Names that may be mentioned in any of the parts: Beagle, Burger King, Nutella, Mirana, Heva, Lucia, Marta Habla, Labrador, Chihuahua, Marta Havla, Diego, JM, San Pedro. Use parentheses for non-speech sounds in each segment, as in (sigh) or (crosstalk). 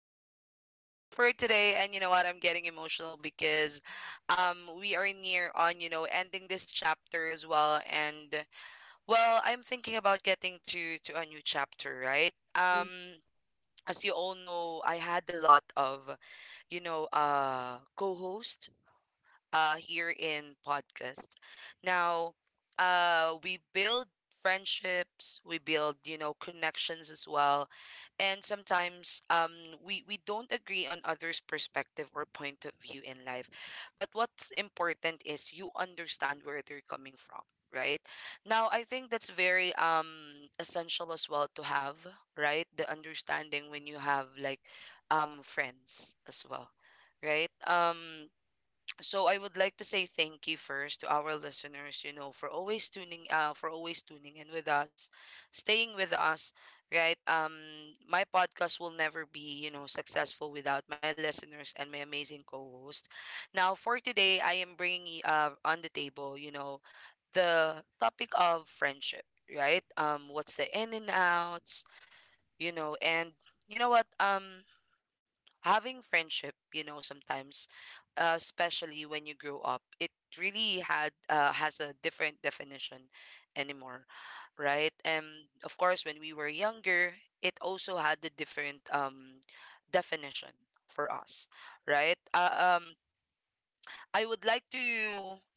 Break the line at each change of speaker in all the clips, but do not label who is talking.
back to our podcast for today. And you know what? I'm getting emotional because we are near on, ending this chapter as well. And well, I'm thinking about getting to a new chapter, right? As you all know, I had a lot of, co-hosts here in podcast. Now, we build friendships, we build, connections as well. And sometimes we don't agree on others' perspective or point of view in life. But what's important is you understand where they're coming from. Right now, I think that's very essential as well to have right the understanding when you have like friends as well, right? So I would like to say thank you first to our listeners, you know, for always tuning in with us, staying with us, right? My podcast will never be, you know, successful without my listeners and my amazing co-host. Now for today, I am bringing on the table, you know, the topic of friendship, right? What's the in and outs, you know, and you know what? Having friendship, you know, sometimes especially when you grow up it really had has a different definition anymore, right. And of course when we were younger it also had a different definition for us, right. I would like to,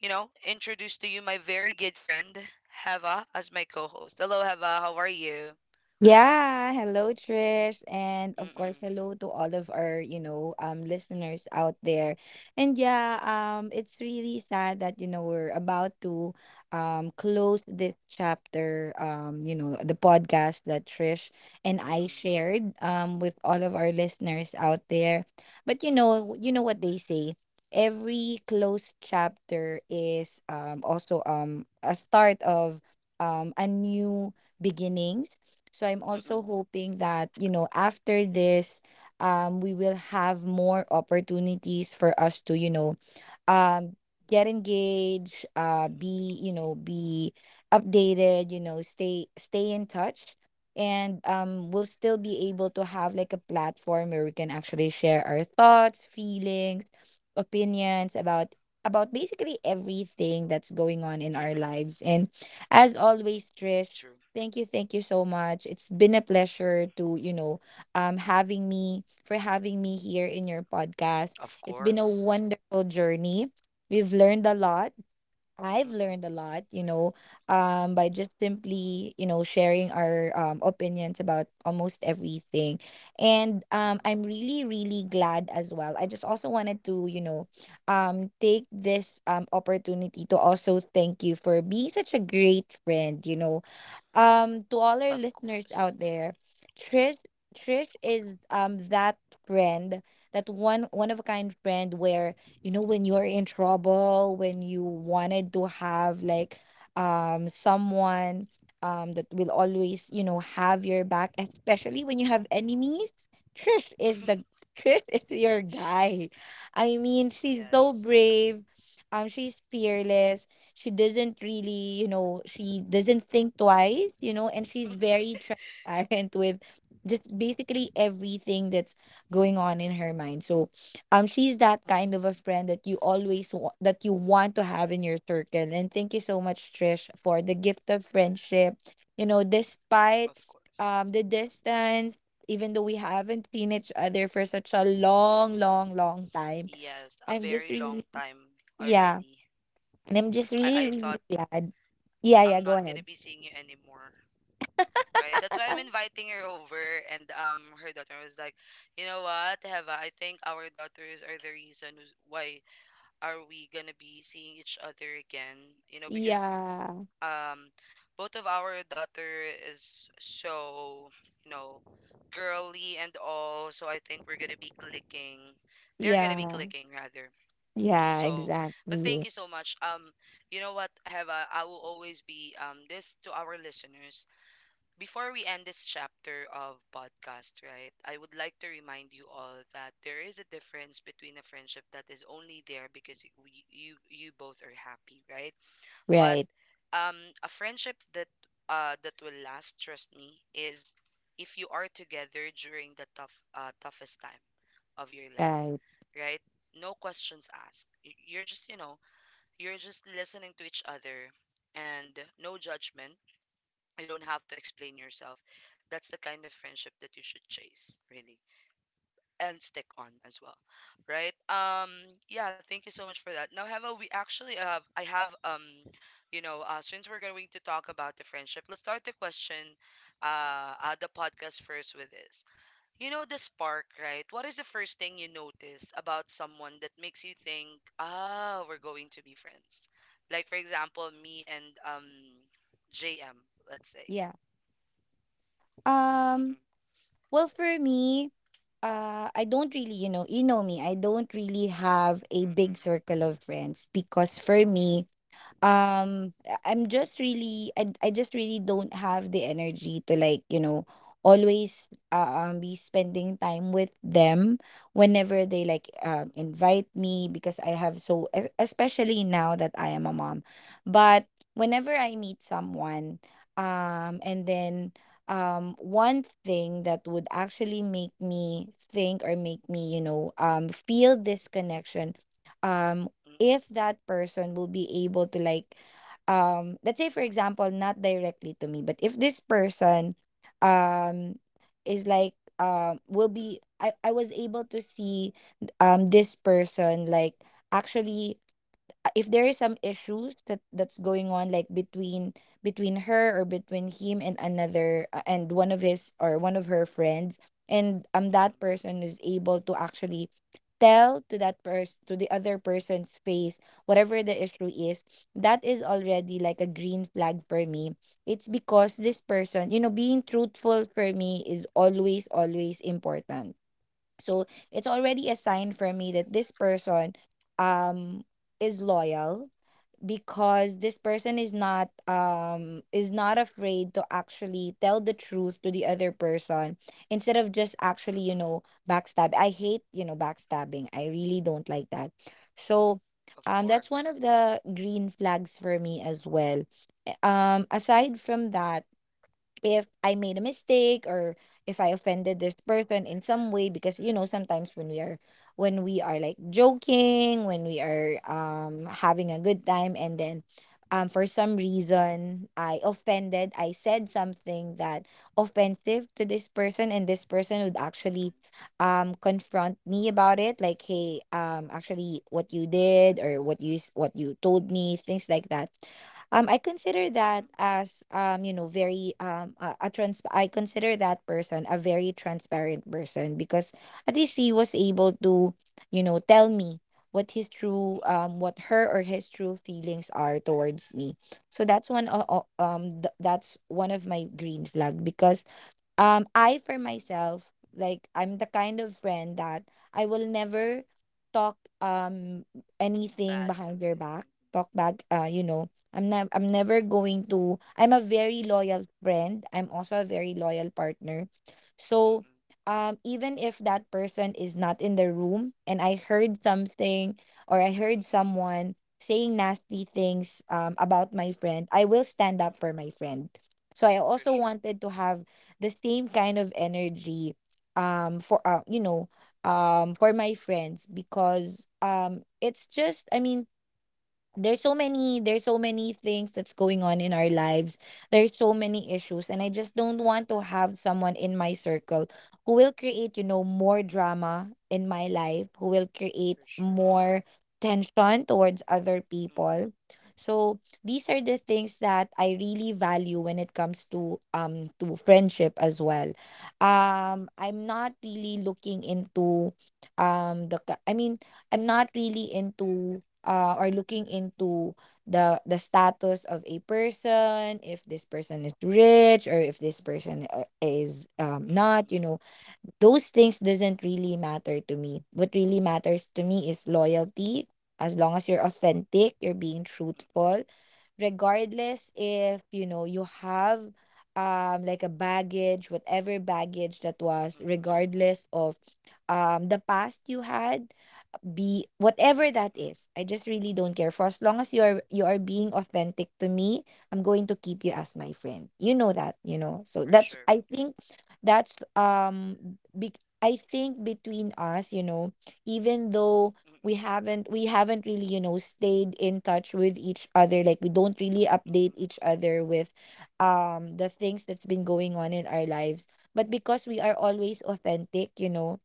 you know, introduce to you my very good friend Heva as my co-host. Hello, Heva, how are you?
Yeah, hello Trish, and of
Mm-mm.
course, hello to all of our, you know, listeners out there. And yeah, it's really sad that you know we're about to close this chapter, you know, the podcast that Trish and I
Mm-mm.
shared with all of our listeners out there. But
Mm-mm.
you know what they say. Every closed chapter is also a start of a new beginnings, so I'm also
Mm-mm.
hoping that, you know, after this, we will have more opportunities for us to, you know, um get engaged, be you know be updated, you know, stay in touch, and we'll still be able to have like a platform where we can actually share our thoughts, feelings, opinions about basically everything that's going on in our
Mm-mm.
lives. And as always,
True.
Trish, thank you, thank you so much. It's been a pleasure to, you know, having me here in your podcast.
Of
It's been a
course.
wonderful journey. We've learned a lot. I've
Mm-mm.
learned a lot, you know, by just simply, you know, sharing our opinions about almost everything. And
Mm-mm.
I'm really, really glad as well. I just also wanted to, you know, take this opportunity to also thank you for being such a great friend, you know, to all our
Of
listeners
course.
out there. Trish, Trish is that friend, that one of a kind friend where, you know, when you're in trouble, when you wanted to have like someone that will always, you know, have your back, especially when you have enemies. trish is the Trish is
(laughs)
your guy. I mean, she's so
Yes,
brave, she's fearless. She doesn't really, you know, she doesn't think twice, you know, and she's very transparent (laughs) with just basically everything that's going on in her mind. So she's that kind of a friend that you always that you want to have in your circle. And thank you so much, Trish, for the gift of friendship, you know, despite
of course.
the distance, even though we haven't seen each other for such a long, long, long time.
Yes, a
I'm just
very long
really,
time
yeah,
already.
and I'm just
I,
really,
I
really
thought
glad. Yeah, yeah,
I'm
go
not gonna
ahead.
be seeing you anymore, right? That's why I'm inviting her over. And her daughter was like, you know what, Heva, I think our daughters are the reason why are we gonna be seeing each other again? You know, because
Yeah,
um, both of our daughter is so, you know, girly and all. So I think we're gonna be clicking. They're gonna be
yeah,
clicking rather.
yeah,
So, but thank
exactly.
you so much. You know what, Heva, I will always be this to our listeners. Before we end this chapter of podcast, right? I would like to remind you all that there is a difference between a friendship that is only there because we, you both are happy, right? But
Right,
um a friendship that that will last, trust me, is if you are together during the toughest time of your life,
right.
right? No questions asked. You're just, you know, you're just listening to each other and no judgment. You don't have to explain yourself. That's the kind of friendship that you should chase, really, and stick on as well, right? Yeah, thank you so much for that. Now, Heva, we actually I have, you know, since we're going to talk about the friendship, let's start the question, the podcast first with this. You know the spark, right? What is the first thing you notice about someone that makes you think, ah, we're going to be friends? Like, for example, me and JM, let's say.
Yeah. Um,
Mm-mm.
well, for me, I don't really, you know me, I don't really have a big
Mm-mm.
circle of friends because
True.
for me, I'm just really I just really don't have the energy to, like, you know, always be spending time with them whenever they like
Mm-mm.
invite me, because I have so especially now that I am a mom. But whenever I meet someone and then one thing that would actually make me think or make me, you know, feel this connection, um if
Mm-mm.
that person will be able to like, let's say for example, not directly to me, but if this person um is like will be, I was able to see this person, like, actually if there is some issues that that's going on, like between her, or between him and another, and one of his or one of her friends, and that
Mm-mm.
person is able to actually tell to that person, to the other person's face, whatever the issue is, that is already like a green flag for me. It's because
Mm-mm.
this person, you know, being truthful for me is always, always important. So
Mm-mm.
it's already a sign for me that this person um is loyal, because this person is not afraid to actually tell the truth to the other person instead of just actually, you
Mm-mm.
know, backstab. I hate, you know, backstabbing. I really don't like that. So
Of
that's
course.
one of the green flags for me as well. Aside from that, if I made a mistake or if I offended this person in some way, because you know sometimes when we are, when we are like joking, when we are having a good time, and
Mm-mm.
then for some reason I offended, I said something that offensive to this person, and this person would actually
Mm-mm.
confront me about it, like, hey, actually what you did, or what you what you told me, things like that, I consider that
Mm-mm.
as you know, very a trans I consider that person a very transparent person, because at least he was able to, you know, tell me what his true,
Mm-mm.
what her or his true feelings are towards me. So that's one o- o- th- that's one of my green flag, because I for
Mm-mm.
myself, like, I'm the kind of friend that I will never talk, anything
Bad
behind your
something.
back,
Mm-mm.
talk back. You know, I'm not. I'm never going to. I'm a very loyal friend. I'm also a very loyal partner. So,
Mm-mm.
even if that person is not in the room, and I heard something or I heard
Mm-mm.
someone saying nasty things about my friend, I will stand up for
Mm-mm.
my friend. So I also
For sure.
wanted to have the same kind of energy for you know for my friends, because it's just, I mean, there's so many things that's going on in our lives, there's so many issues, and I
Mm-mm,
just don't want to have someone in my circle who will create, you know, more drama in my life, who will create
for sure.
more tension towards other people.
Mm-mm.
So these are the things that I really value when it comes to friendship as well.
Mm-mm.
I'm not really looking into I mean, I'm not really into or looking into the status of a person, if this person is rich or if this person is not,
Mm-mm.
you know.
Mm-mm.
Those things doesn't really matter to me. What really matters to me is loyalty. As long as you're authentic, you're being truthful,
Mm-mm.
regardless if, you know, you have like a baggage, whatever baggage that was,
Mm-mm.
regardless of the past you had, be whatever that is,
Mm-mm,
I just really don't care, for as long as you are, you are being authentic to me, I'm going to keep you as my friend, you know that, you know. So
for
that's, I
sure.
think, that's I think between us, you know, even though
Mm-mm.
we haven't really, you know, stayed in touch with each other, like we don't really update
Mm-mm.
each other with the things that's been going on in our lives. But because we are
Mm-mm.
always authentic, you know,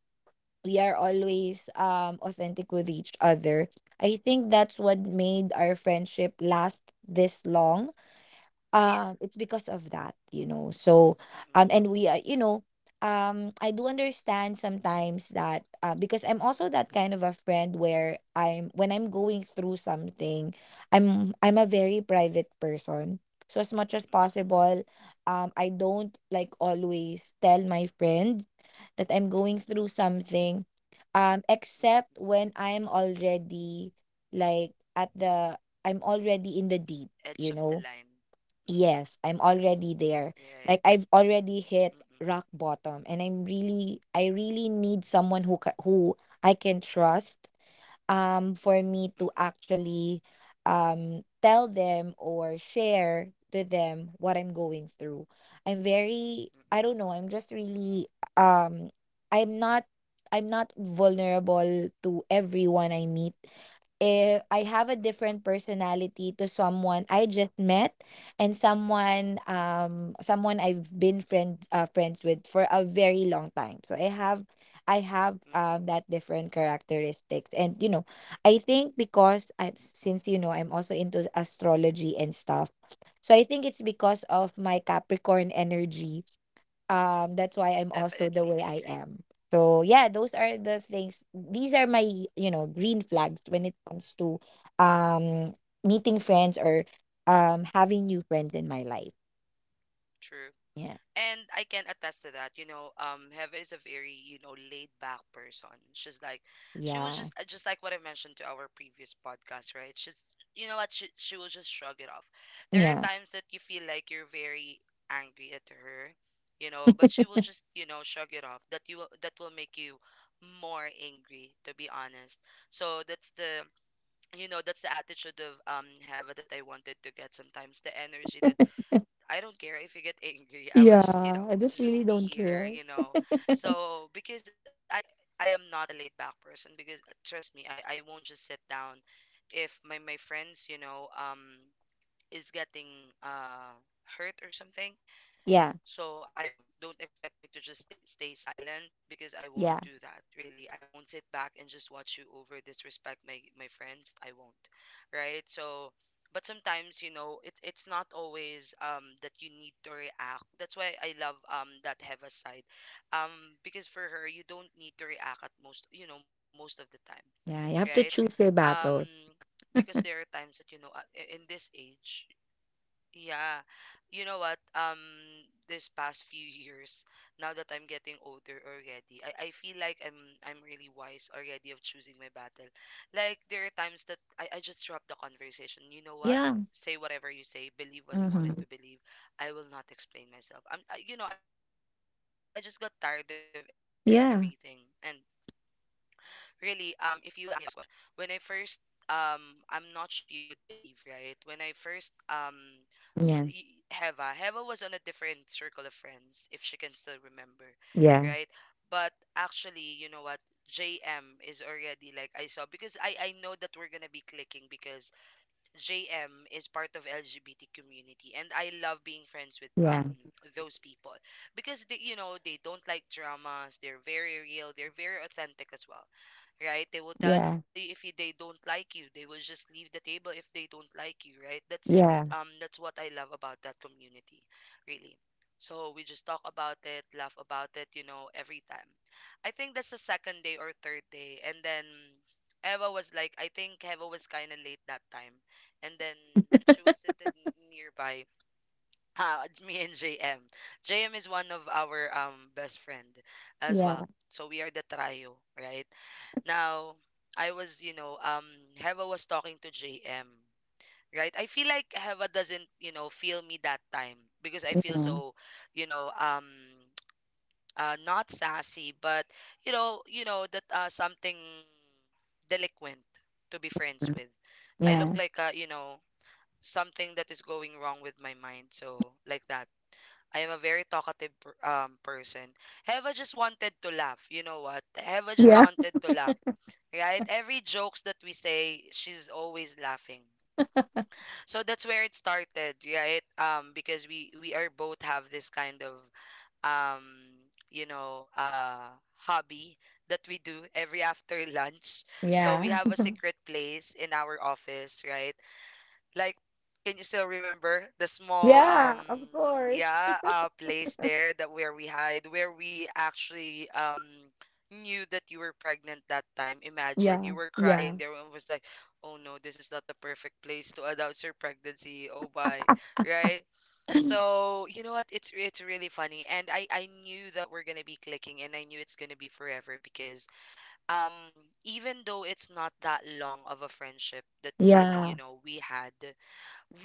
we are
Mm-mm,
always authentic with each other. I think that's what made our friendship last this long,
for sure.
it's because of that, you know. So
Mm-mm.
and we are, you know, I do understand sometimes that, because I'm also that kind of a friend where I'm when I'm going through something, I'm a very private person, so as much as
Mm-mm.
possible, I don't like always tell my friend that I'm going
Mm-mm.
through something,
Mm-mm.
except when I'm already like at the, I'm already in the deep,
Edge
you
of the
know.
line. Mm-mm,
Yes, I'm already there.
right.
Like I've already hit
Mm-mm.
rock bottom, and I'm really, I really need someone who who I can trust for me
Mm-mm.
to actually tell them or share to them what I'm going through. I'm very, I
Mm-mm.
don't know, I'm just really um I'm not I'm not vulnerable to everyone I meet. If I have a
Mm-mm.
different personality to someone I just met and someone,
Mm-mm.
someone I've been friends with for a very long time. So I have
Mm-mm.
that different characteristics, and you know, I think because I, since, you know, I'm also into astrology and stuff. So I think it's because of my Capricorn energy that's why I'm also the
Definitely
way I
agree.
am. So yeah, those are the things, these are my, you know, green flags when it comes to um meeting friends, or having new friends in my life. Yeah.
And I can attest to that. You know, Heva is a very, you know, laid back person. She's like, she was
Yeah.
just like what I mentioned to our previous podcast, right? She's, you know what, she will just shrug it off.
(laughs)
There are
Yeah.
times that you feel like you're very angry at her, you know, but she will just, you know, shrug it off. That will make you more angry, to be honest. So that's the, you know, that's the attitude of Heva that I wanted to get. Sometimes the energy that I don't care if you get angry. I will just, you
Yeah, I
know,
just really
just be
don't care.
here, you know. So because I am not a laid back person because trust me, I won't just sit down if my friends, you know, is getting hurt or something.
Yeah.
So I won't. Don't expect me to just stay silent because I won't
Yeah.
do that. Really, I won't sit back and just watch you over disrespect my friends. I won't. Right? So, but sometimes, you know, it's not always that you need to react. That's why I love that Heva side. Um because for her, you don't need to react at most, you know, most of the time,
Yeah, you
right?
have to choose your
Um
battle.
because there are times that you know in this age, yeah. You know what? This past few years, now that I'm getting older already, I feel like I'm really wise already of choosing my battle. Like there are times that I just drop the conversation. You know what?
Yeah.
Say whatever you say, believe what you
Mm-hmm.
wanted to believe. I will not explain myself. You know, I just got tired of everything. And
Yeah.
really, if you will ask me about this question, when I first, I'm not sure if you would believe, right? When I first,
Yeah.
Heva, was on a different circle of friends, if she can still remember,
Yeah.
right? But actually, you know what? JM is already like I saw because I know that we're gonna be clicking because JM is part of LGBT community and I love being friends with
Yeah.
those people because they, you know, they don't like dramas, they're very real, they're very authentic as well, right. They will tell you
Yeah.
if you, they don't like you, they will just leave the table if they don't like you, right? That's
Yeah.
that's what I love about that community, really. So we just talk about it, laugh about it, you know, every time. I think that's the second day or third day, and then Eva was like, I think Eva was kind of late that time, and then she was nearby. (laughs) Ah, it's me and JM. JM is one of our best friend as
Yeah.
well. So we are the trio, right? Now, I was, you know, Heva was talking to JM, right? I feel like Heva doesn't, you know, feel me that time because I feel
Yeah.
so, you know, (tsk) not sassy, but you know that something delinquent to be friends with. I look
Yeah.
like a, you know, something that is going wrong with my mind. So, like that. I am a very person. Heva just wanted to laugh. You know what? Heva just
Yeah.
wanted to laugh, right? Every jokes that we say, she's always laughing. So that's where it started, right? Because we are both have this kind of um, you know, hobby that we do every (laughs) after lunch. So we
Yeah.
have a
(laughs)
secret place in our office, right? Like, can you still remember the small
Yeah, of course.
yeah
(laughs)
place there that where we hide, where we actually knew that you were pregnant that time. Imagine
Yeah,
you were crying
yeah,
there, and was like, oh no, this is not the perfect place to announce your pregnancy, oh my. Right? So you know what? It's really funny, and I knew that we're gonna be clicking, and I knew it's gonna be forever because um even though it's not that long of a friendship that we,
yeah,
you know, we had,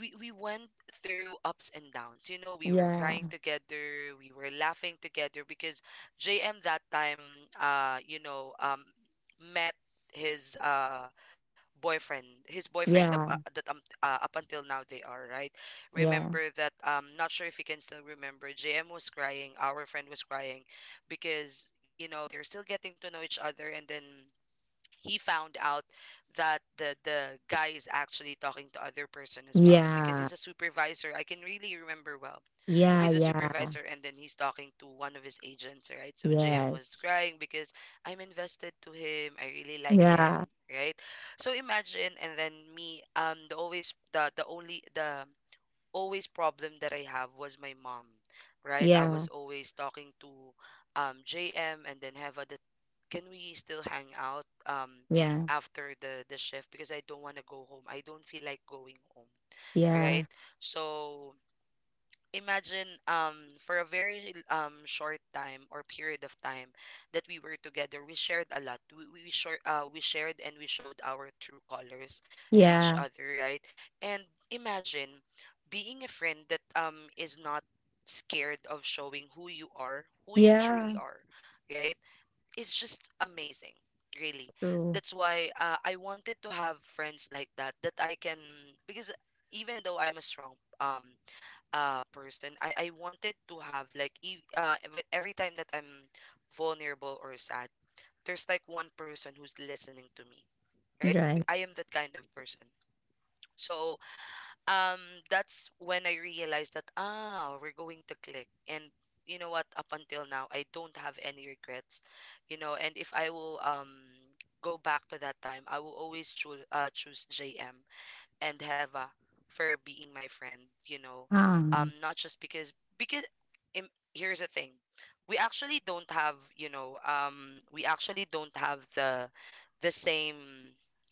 we went through ups and downs. You know, we were crying together, we were laughing together because JM that time you know met his boyfriend, his boyfriend that,
yeah,
that up until now they are, right?
yeah,
Remember that, not sure if you can still remember, JM was crying, our friend was crying because you know they're still getting to know each other, and then he found out that the guy is actually talking to other person as well because
yeah,
he's a supervisor, I can really remember well.
yeah,
He's a
yeah,
supervisor and then he's talking to one of his agents, right? So Jim
yeah,
was crying because I'm invested to him, I really
yeah,
like him,
yeah,
right? So imagine. And then me the always the only the always problem that I have was my mom, right? I
yeah,
was always talking to JM and then Heva that can we still hang out after the shift because I don't want to go home. I don't feel like going home, right?
yeah,
So imagine for a very short time or period of time that we were together. We shared a lot. We shared and we showed our true colors
yeah,
to each
yeah,
other, right? And imagine being a friend that is not scared of showing who you are, who you truly
yeah,
are, right? It's just amazing, really.
true,
That's why I wanted to have friends like that, that I can, because even though I'm a strong um person, I wanted to have, like, every time that I'm vulnerable or sad, there's like one person who's listening to me, right?
right,
I am that kind of person. So um that's when I realized that, ah, we're going to click. And you know what, up until now, I don't have any regrets, you know. And if I will, go back to that time, I will always choose choose JM and Heva for being my friend, you know. Um,
um,
not just because, im here's the thing. We actually don't have, you know, um, we actually don't have the same,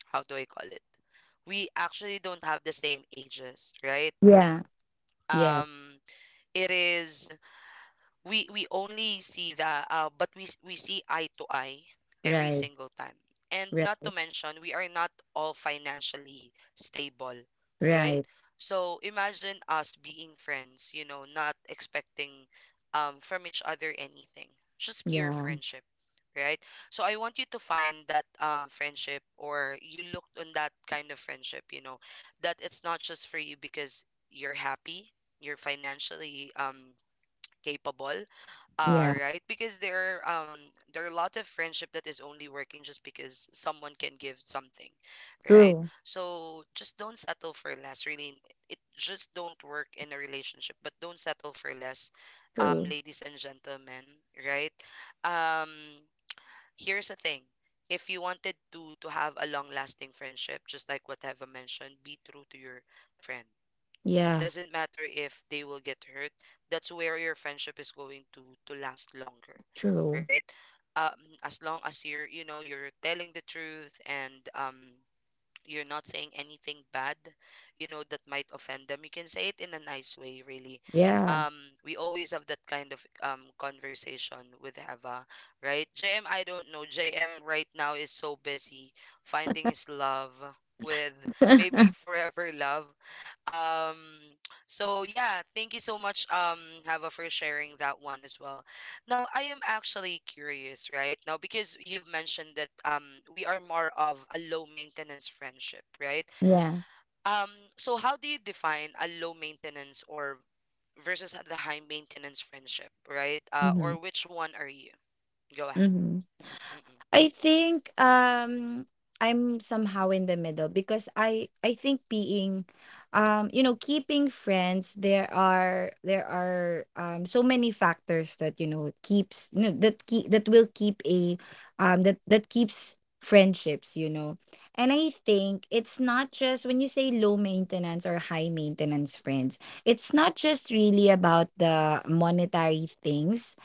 how do I call it? We actually don't have the same ages, right?
yeah, yeah,
Um, it is, we only see the but we see eye to eye every
right,
single time. And not
right,
to mention, we are not all financially stable, right?
right,
So imagine us being friends, you know, not expecting from each other anything, just pure
yeah,
friendship, right? So I want you to find that friendship, or you looked on that kind of friendship, you know, that it's not just for you because you're happy, you're financially capable.
yeah,
Right, because there are a lot of friendship that is only working just because someone can give something, right?
true,
So just don't settle for less. Really, it just don't work in a relationship. But don't settle for less,
true,
ladies and gentlemen, right? Um, here's the thing: if you wanted to have a long lasting friendship, just like what Eva mentioned, be true to your friend.
yeah,
Doesn't matter if they will get hurt. That's where your friendship is going to last longer,
true,
right? Um, as long as you're, you know, you're telling the truth, and um, you're not saying anything bad, you know, that might offend them. You can say it in a nice way, really.
yeah,
Um, we always have that kind of conversation with Hava, right? JM, I don't know, JM right now is so busy finding his love with,
(laughs)
maybe, forever love. Um, so yeah, thank you so much, Hava, for sharing that one as well. Now, I am actually curious, right? Now, because you've mentioned that, we are more of a low maintenance friendship, right?
yeah,
Um, so how do you define a low maintenance, or versus the high maintenance friendship, right?
mm-hmm,
Or which one are you? Go ahead.
mm-hmm.
Mm-mm,
I think I'm somehow in the middle because I think being keeping friends, there are so many factors that keeps no, that keep that will keep a that that keeps friendships and I think it's not just when you say low maintenance or high maintenance friends, it's not just really about the monetary things,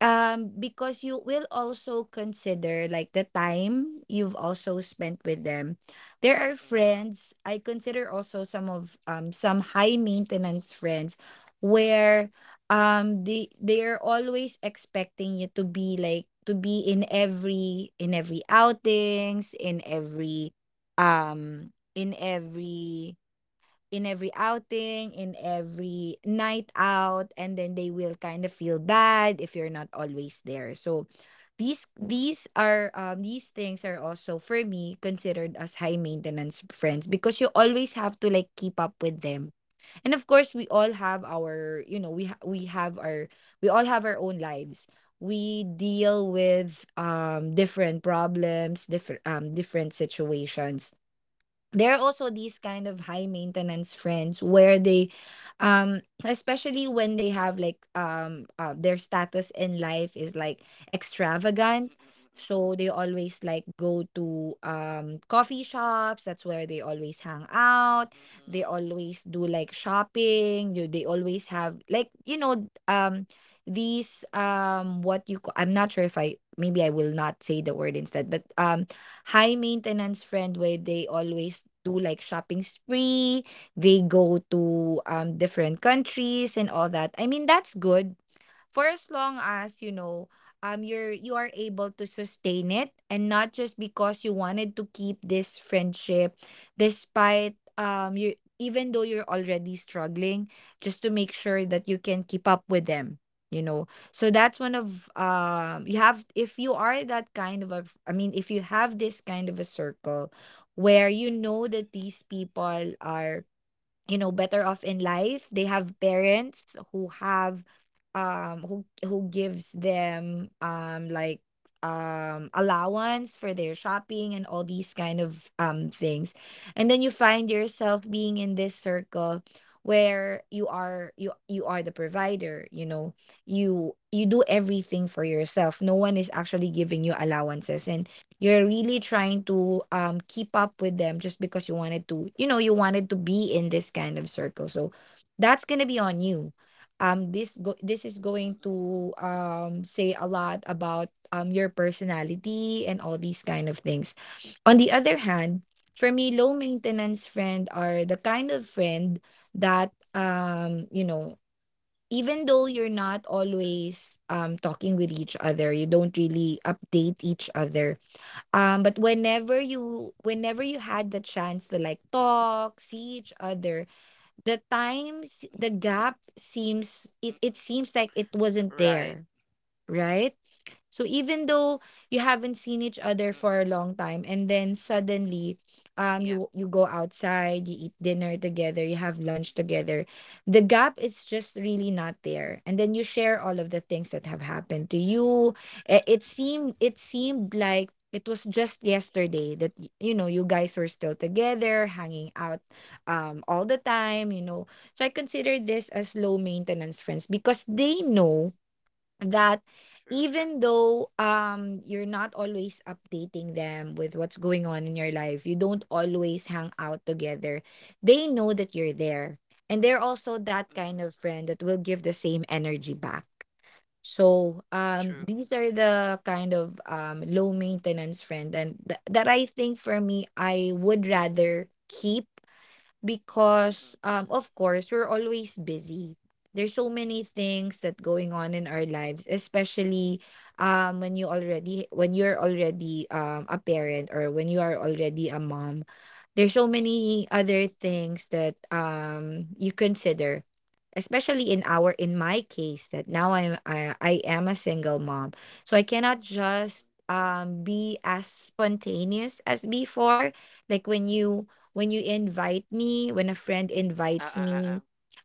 because you will also consider like the time you've also spent with them. There are
mm-mm,
friends I consider also some of some high maintenance friends where they are always expecting you to be like to be in every um in every in every outing, in every night out, and then they will kind of feel bad if you're not always there. So these are these things are also for me considered as high maintenance friends because you always have to like keep up with them. And of course, we all have our, you know, we have our own lives. We deal with different problems, different situations. There are also these kind of high maintenance friends where they especially when they have like their status in life is like extravagant.
mm-mm, mm-mm,
So they always like go to coffee shops, that's where they always hang out. They
mm-mm,
always do like shopping, you they always have like, you know, these what I'm not sure if I will not say the word instead, but high maintenance friend where they always do like shopping spree, they go to different countries and all that. I mean, that's good for as long as you know, you are able to sustain it, and not just because you wanted to keep this friendship despite you even though you're already struggling just to make sure that you can keep up with them, you know. So that's one of you have if you are that I mean, if you have this kind of a circle where you know that these people are, you know, better off in life, they have parents who have who gives them like allowance for their shopping and all these kind of things, and then you find yourself being in this circle where you are the provider, you know, you do everything for yourself, no one is actually giving you allowances,
mm-mm,
and you're really trying to keep up with them just because you wanted to, you know, you wanted to be in this kind of circle. So that's gonna be on you. This go this is going
mm-mm.
to say a lot about your personality and all these kind of things.
True.
On the other hand, for me, low maintenance friend are the kind of friend that, you know, even though you're not always talking with each other, you don't really update each other, but whenever you had the chance to like talk, see each other,
Mm-mm,
the gap seems
mm-mm.
it seems like it
Right.
wasn't there, right? So even though you haven't seen each other
Mm-mm.
for a long time, and then suddenly,
Yeah.
you go outside, you eat dinner together, you have
Mm-mm,
lunch together, the gap is just really not there. And then you share all of the things that have happened to you. It seemed
mm-mm.
like it was just yesterday that you know, you guys were still together, hanging out, all the time, you know. So I consider this as low maintenance friends because they know that
True.
even though you're not always updating them with what's going on in your life, you don't always hang out together. They know that you're there. And they're also that
Mm-mm.
kind of friend that will give the same energy back. So
True.
these are the kind of low maintenance friend, and that I think for me I would rather keep,
Mm-mm,
because of course we're always busy. There's so many things that going on in our lives, especially when you're already a parent, or when you are already a mom, there's so many
mm-mm,
other things that you consider, especially in my case, that now I am a single mom. So I cannot
mm-mm.
just be as spontaneous as before, like when you invite me when a friend invites
Uh-uh-uh-uh.
me,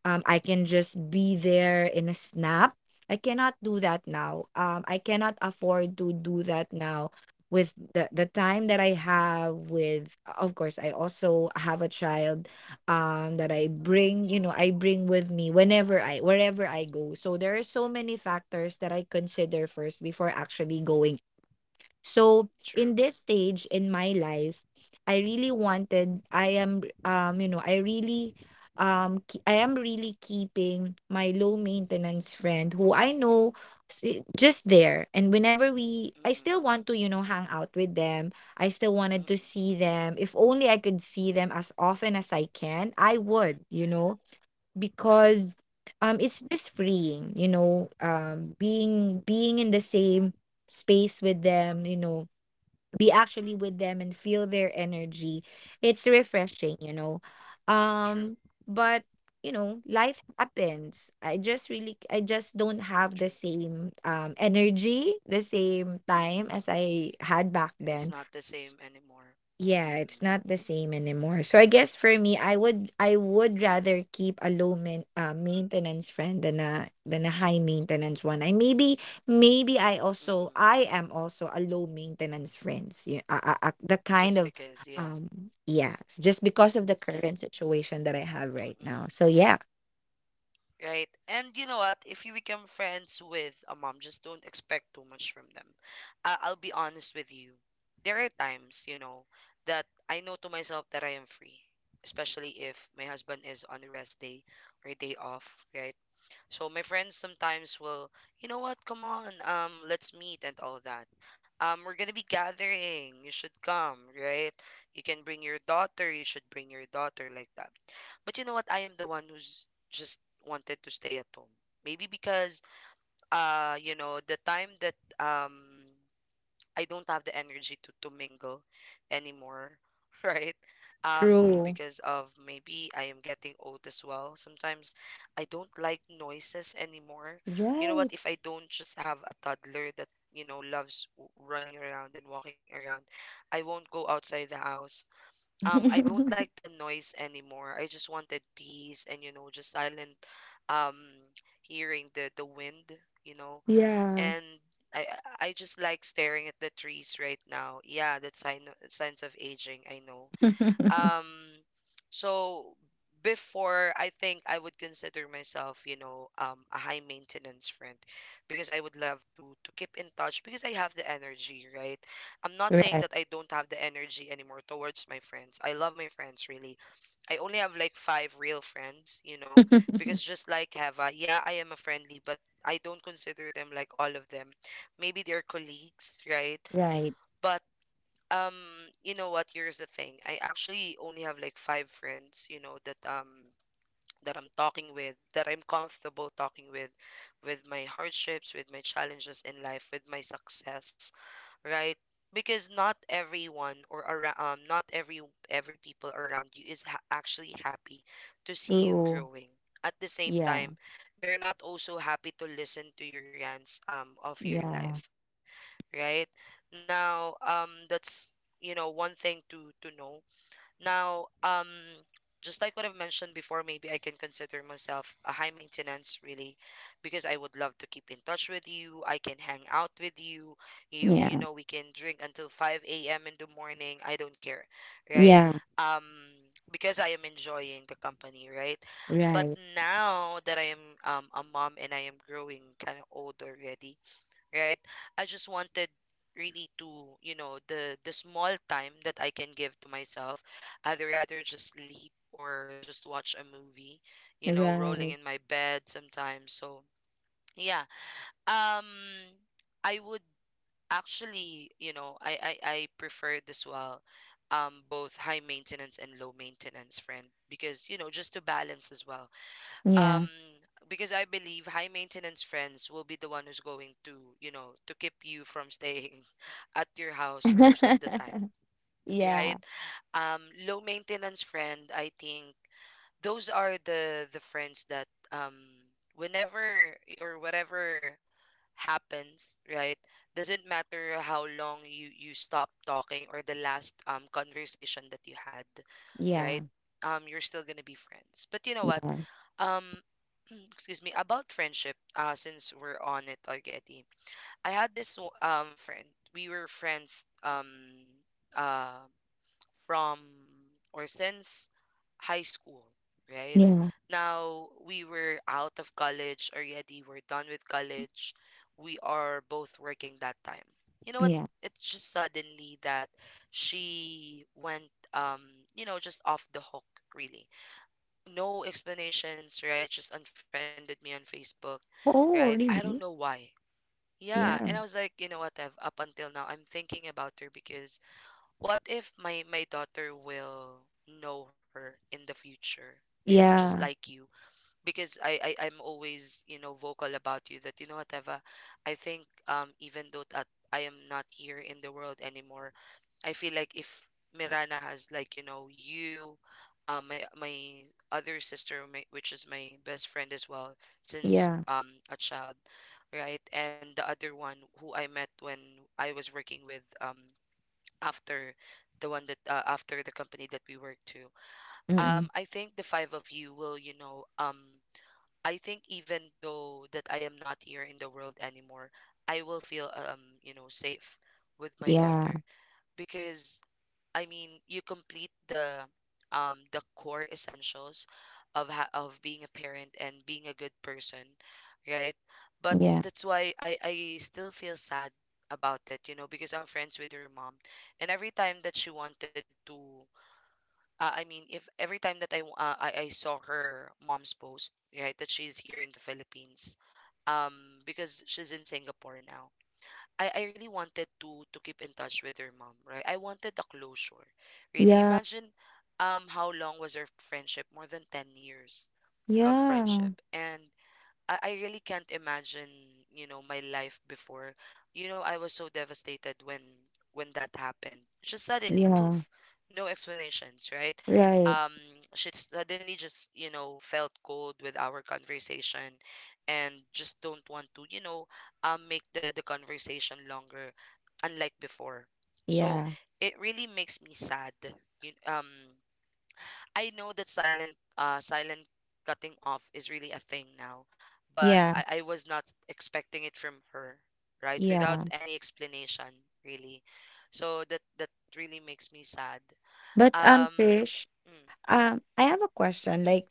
I can just be there in a snap. I cannot do that now, I cannot
Mm-mm.
afford to do that now, with the time that I have. With, of course, I also have a child, that I bring, you know, I bring with me whenever wherever I go. So there are so many factors that I consider first before actually going. So
True.
in this stage in my life, I really wanted I am, you know, I really, I am really keeping my low maintenance friend who I know just there, and whenever we I still
Mm-mm.
want to, you know, hang out with them. I still wanted to
Mm-mm.
see them. If only I could see them as often as I can, I would, you know, because it's just freeing, you know, being in the same space with them, you know, be actually with them and feel their energy. It's refreshing, you know.
True.
Um but you know, life happens. I just don't have the
True.
same energy, the same time
Mm-mm.
as I had back
It's
then.
not the same anymore.
Yeah, it's
Mm-mm.
not the same anymore. So I guess for me, I would rather keep a maintenance friend than a high maintenance one. I maybe Maybe
Mm-mm.
I am also a low maintenance friends. You The kind
Just
of,
because, yeah.
um yeah, it's just because of the current situation that I have right
Mm-mm.
now. So yeah,
Right. And you know what? If you become friends with a mom, just don't expect too much from them. I'll be honest with you. There are times, you know, that I know to myself that I am free, especially if my husband is on a rest day or day off, right? So my friends sometimes will, you know what, come on, let's meet and all that. We're gonna be gathering. You should come, right? You can bring your daughter. You should bring your daughter, like that. But you know what? I am the one who's just wanted to stay at home. Maybe because, you know, the time that, um, I don't have the energy to mingle anymore, (laughs) right?
true.
Because of, maybe I am getting old as well. Sometimes I don't like noises anymore. You know
Right.
what? If I don't just have a toddler that, you know, loves running around and walking around, I won't go outside the house. I don't
(laughs)
like the noise anymore. I just wanted peace and, you know, just silent, um, hearing the wind. You know,
Yeah.
and I I just like staring at the trees right now. Yeah, that's sign, signs of aging, I know.
(laughs)
Um, so before, I think I would consider myself, you know, um, a high maintenance friend, because I would love to keep in touch, because I have the energy, right? I'm not saying
Right.
that I don't have the energy anymore towards my friends. I love my friends, really. I only have like five real friends, you know, because
(laughs)
just like Heva, yeah, I am a friendly, but I don't consider them like all of them. Maybe they're colleagues, right?
Right.
But um, you know what? Here's the thing. I actually only have like five friends, you know, that um, that I'm talking with, that I'm comfortable talking with my hardships, with my challenges in life, with my success, right? Because not everyone, or not every, every people around you is actually happy to see
True.
you growing. At the
Yeah.
same time, they're not also happy to listen to your rants, um, of
Yeah.
your life, right? Now, um, that's, you know, one thing to know. Now, just like what I've mentioned before, maybe I can consider myself a high maintenance, really, because I would love to keep in touch with you. I can hang out with you. You
Yeah.
know, we can drink until 5 a.m. in the morning. I don't care, right?
Yeah.
Um, because I am enjoying the company, right? But
Right.
now that I am, a mom, and I am growing kind of old already, right? I just wanted really to, you know, the small time that I can give to myself. I'd rather just sleep, or just watch a movie, you know, rolling
Right.
in my bed sometimes. So yeah. Um, I would actually, you know, I preferred as well, um, both high maintenance and low maintenance friend, because, you know, just to balance as well, um,
Yeah.
because I believe high maintenance friends will be the one who's going to, you know, to keep you from staying (laughs) at your house most of the time,
(laughs)
right?
Yeah.
Um, low maintenance friend, I think, those are the friends that, um, whenever or whatever happens, right? Doesn't matter how long you, you stop talking, or the last conversation that you had,
Yeah.
right? You're still gonna be friends. But you know what?
Right.
Um, (clears throat) excuse me. About friendship, since we're on it already, I had this friend. We were friends uh from, or since, high school, right?
Yeah.
Now we were out of college already. We're done with college. We are both working that time. You know what?
Yeah.
It's just suddenly that she went, you know, just off the hook, really. No explanations, right? Just unfriended me on Facebook, right?
Oh,
I don't know
really?
why. Yeah, and I
Yeah.
was like, you know what, Ev, up until now, I'm thinking about her, because what if my daughter will know her in the future, you know, just
Yeah.
like you. Because I, I'm always, you know, vocal about you, that, you know what, Eva, I think, um, even though that I am not here in the world anymore, I feel like if Mirana has, like, you know, you, um, my other sister, my, which is my best friend as well since,
Yeah.
um, a child, right, and the other one who I met when I was working with, um, after, the one that, after the company that we work to, um,
Mm-mm.
I think the five of you will, you know, um, I think, even though that I am not here in the world anymore, I will feel, um, you know, safe with my
Yeah.
daughter, because, I mean, you complete the um, the core essentials of of being a parent and being a good person, right? But
Yeah.
that's why I still feel sad about it, you know, because I'm friends with your mom, and every time that she wanted to, I mean, if every time that I I saw her mom's post, right, that she's here in the Philippines, um, because she's in Singapore now, I really wanted to keep in touch with her mom, right? I wanted a closure. Really.
Yeah.
Imagine, um, how long was our friendship? More than 10 years of
Yeah.
friendship. And I really can't imagine, you know, my life before. You know, I was so devastated when that happened. Just suddenly, poof,
Yeah.
no explanations, right?
Right.
Um, she suddenly just, you know, felt cold with our conversation and just don't want to, make the conversation longer, unlike before. So
Yeah.
it really makes me sad. You, um, I know that silent cutting off is really a thing now, but
Yeah.
I was not expecting it from her, right? Without
Yeah.
any explanation, really. So that really makes me sad.
But
Um
Trish,
mm,
I have a question. Like,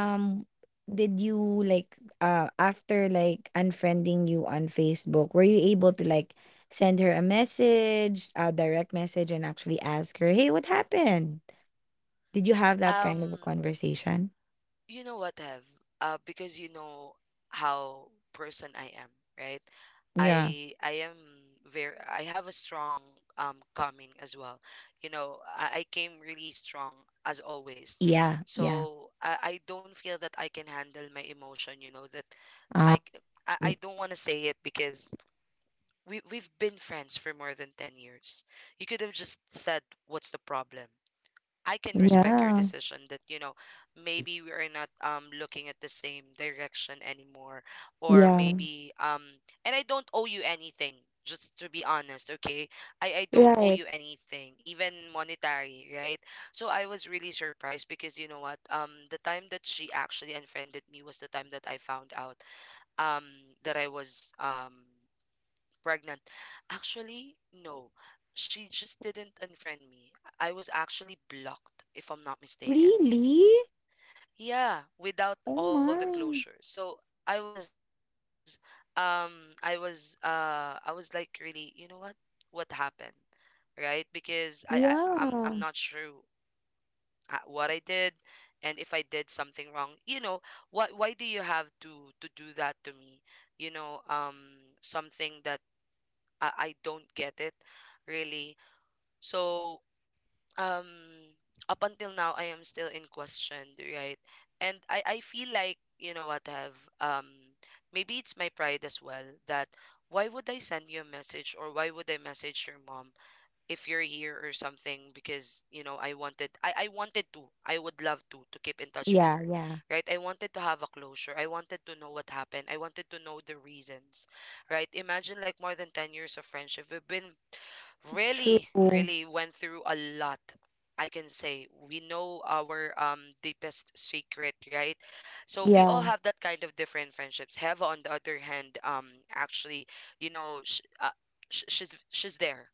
mm.
did you like, after like unfriending you on Facebook, were you able to like send her a message, a direct message, and actually ask her, "Hey, what happened?" Did you have that
Um
kind of a conversation?
You know what, Have? Because you know how person I am, right?
Yeah.
I am very I have a strong coming as well. You know, I came really strong as always.
Yeah. Yeah.
So I don't feel that I can handle my emotion, you know, that I
Um,
c- I
y-
don't want to say it because we've been friends for more than 10 years. You could have just said what's the problem, I can respect your
yeah.
decision that, you know, maybe we are not looking at the same direction anymore. Or
Yeah.
maybe and I don't owe you anything, just to be honest, okay? I don't owe
Right.
you anything, even monetary, right? So I was really surprised because you know what? The time that she actually unfriended me was the time that I found out um that I was pregnant. Actually, no. She just didn't unfriend me. I was actually blocked, if I'm not mistaken.
Really?
Yeah, without
Oh
all the closure.
my.
So I was um I was like really, you know what? What happened? Right? Because I'm not sure
Yeah.
what I did and if I did something wrong. You know, what why do you have to do that to me? You know, something that I don't get it, really. So, um, up until now, I am still in question, right? And I feel like, you know what, have, maybe it's my pride as well that why would I send you a message or why would I message your mom if you're here or something? Because, you know, I wanted to, I would love to keep in touch with
Yeah.
her,
Yeah.
right? I wanted to have a closure. I wanted to know what happened. I wanted to know the reasons, right? Imagine like more than 10 years of friendship. We've been really,
True.
really went through a lot. I can say we know our deepest secret, right? So we all
Yeah.
have that kind of different friendships. Heva, on the other hand, actually, you know, she's there,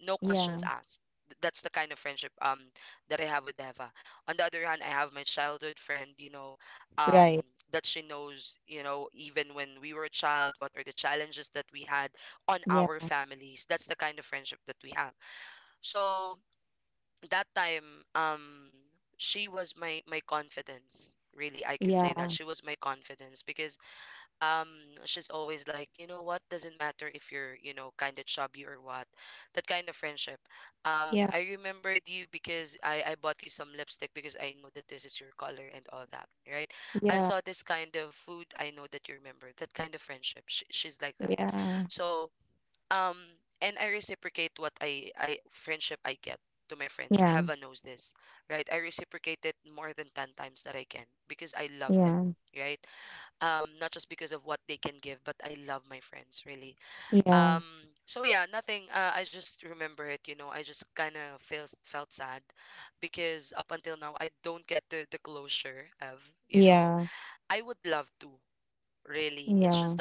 no questions
Yeah.
asked. That's the kind of friendship that I have with Eva. On the other hand, I have my childhood friend, you know, um
Right.
that she knows, you know, even when we were a child, what are the challenges that we had on
Yeah.
our families. That's the kind of friendship that we have. So that time, um, she was my confidence. Really, I can say that
Yeah,
she was my confidence because um she's always like, you know what, doesn't matter if you're, you know, kind of chubby or what. That kind of friendship,
yeah,
I remembered you because I bought you some lipstick because I know that this is your color and all that, right? I
yeah,
saw this kind of food, I know that you remember, that kind of friendship. Sh She's like that.
yeah,
So um and I reciprocate what I friendship I get to my friends,
yeah,
heaven knows this, right? I reciprocate it more than 10 times that I can because I love them,
yeah,
right? Not just because of what they can give, but I love my friends, really.
yeah,
um so yeah, nothing, I just remember it, you know, I just kind of felt sad because up until now I don't get the closure of, you know,
yeah,
I would love to, really. It's just
yeah,
that,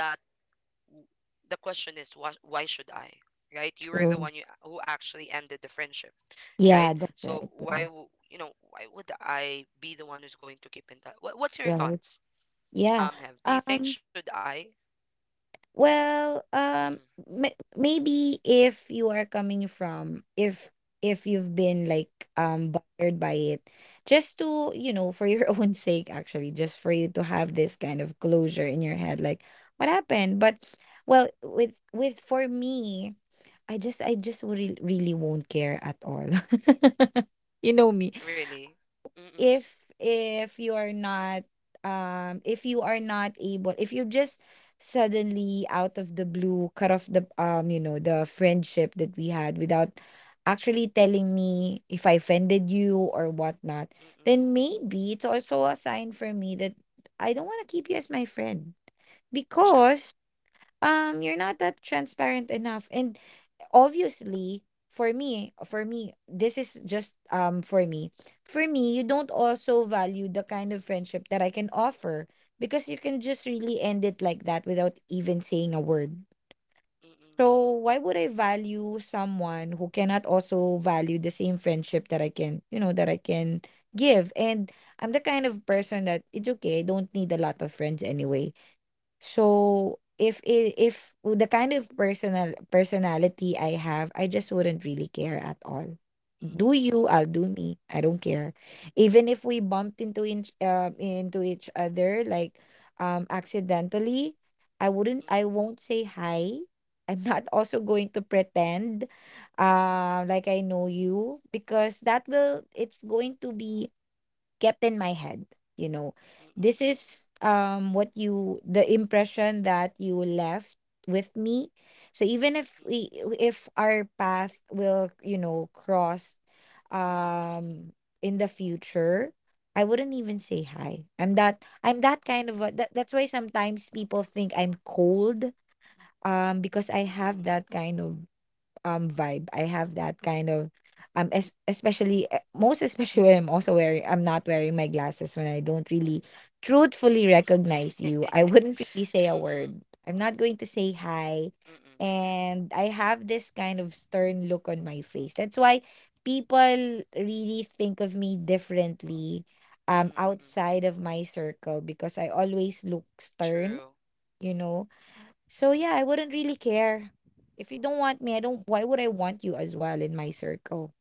w- the question is why should I, right? You were the one,
true.
who actually ended the friendship, right?
Yeah, that's
So
right.
you know, why would I be the one who's going to keep in touch? What's your
Yeah, right.
thoughts?
Yeah.
Have, do you think
Um,
should I?
well,
Mm-mm.
m maybe if you are coming from, if you've been like bothered by it, just to, you know, for your (laughs) own sake, actually, just for you to have this kind of closure in your head, like what happened? But well, with for me, I just really, really won't care at all. (laughs) You know me.
Really? Mm-mm.
If if you are not, if you are not able, if you just suddenly out of the blue cut off the you know, the friendship that we had without actually telling me if I offended you or whatnot,
Mm-mm.
then maybe it's also a sign for me that I don't want to keep you as my friend,
True.
because you're not that transparent enough, and obviously for me this is just, for me, you don't also value the kind of
Mm-mm.
friendship that I can offer, because you can just really end it like that without even saying a word.
Mm-mm.
So why would I value someone who cannot also value the same friendship that I can, you know, that I can give? And I'm the kind of
Mm-mm.
person that it's okay, I don't need a lot of friends anyway. So if the kind of personality I have, I just wouldn't really care at all. Do
Mm-mm.
you? I'll do me. I don't care. Even if we bumped into each other like, accidentally, I wouldn't. I
Mm-mm.
won't say hi. (laughs) I'm not also going to pretend, like I know you, because that will. It's going to be kept in my head, you know. This is what you the impression that you left with me. So even if our path will, you know, cross
mm mm, mm mm,
um in the future, I wouldn't even say hi. I'm that kind of a, that's why sometimes people think I'm cold, because I
mm mm, mm
have
mm,
that
mm
kind of vibe. I have that kind of, es- especially eh, most especially (laughs) when I'm not wearing my glasses, when I don't really truthfully recognize you, I wouldn't really
mm, mm
say a
mm, mm
word. I'm not going to say hi.
mm,
And I have this kind of stern look on my face. That's why people really think of me differently
mm mm,
outside of my circle because I always look
(laughs)
stern,
true.
you know so yeah, I wouldn't really care. If you don't want me, I don't why would I want you as well in my circle?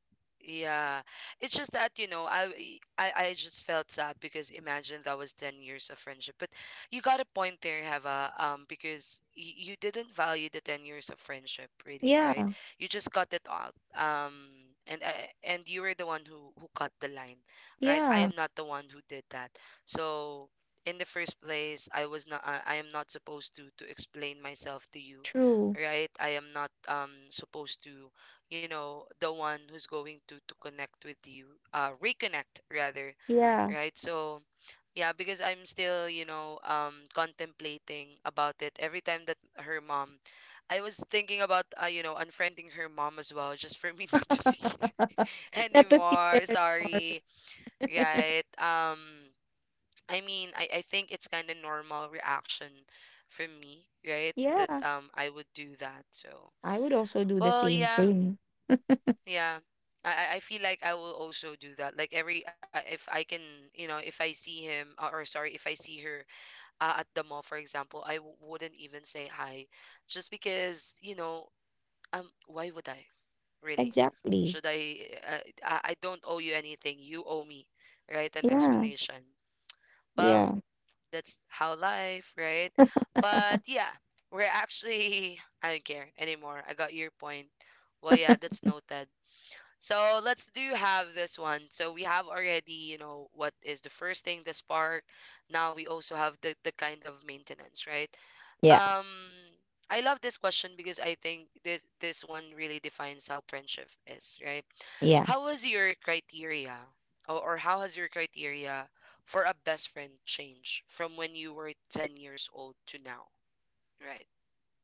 Yeah, it's just that, you know, I, e, I I just felt sad because imagine that was 10 years of friendship. But you got a point there, Heva, because y you didn't value the 10 years of friendship, really, right?
Yeah.
You just cut it out. And and you were the one who cut the line, right? I
Yeah.
am not the one who did that. So in the first place, I am not supposed to explain myself to you,
True.
right? I am not supposed to, you know, the one who's going to connect with you, reconnect rather,
Yeah.
right? So yeah, because I'm still, you know, contemplating about it. Every time that her mom, I was thinking about, you know, unfriending her mom as well just for me (laughs) not to
(laughs)
see her
Not to see them
anymore.
anymore.
Sorry,
(laughs)
right? I mean, I think it's kind of normal reaction from me, right? That
Yeah.
I would do that. So
I would also do the
well
same
yeah.
thing.
Yeah. I feel like I will also do that. Like every if I can, you know, if I see him, or sorry, if I see her, at the mall, for example, I w wouldn't even say hi, just because, you know, why would I, really?
Exactly.
Should I? I don't owe you anything. You owe me, right? An
Yeah.
explanation. Well,
Yeah.
that's how life, right? But yeah, we're actually (laughs) I don't care anymore. I got your point. Well, yeah, that's noted. So let's do have this one. So we have already, you know, what is the first thing, the spark. Now we also have the kind of maintenance, right?
Yeah.
Um, I love this question because I think this one really defines how friendship is, right?
Yeah.
How was your criteria or how has your criteria for a best friend changed from when you were 10 years old to now, right?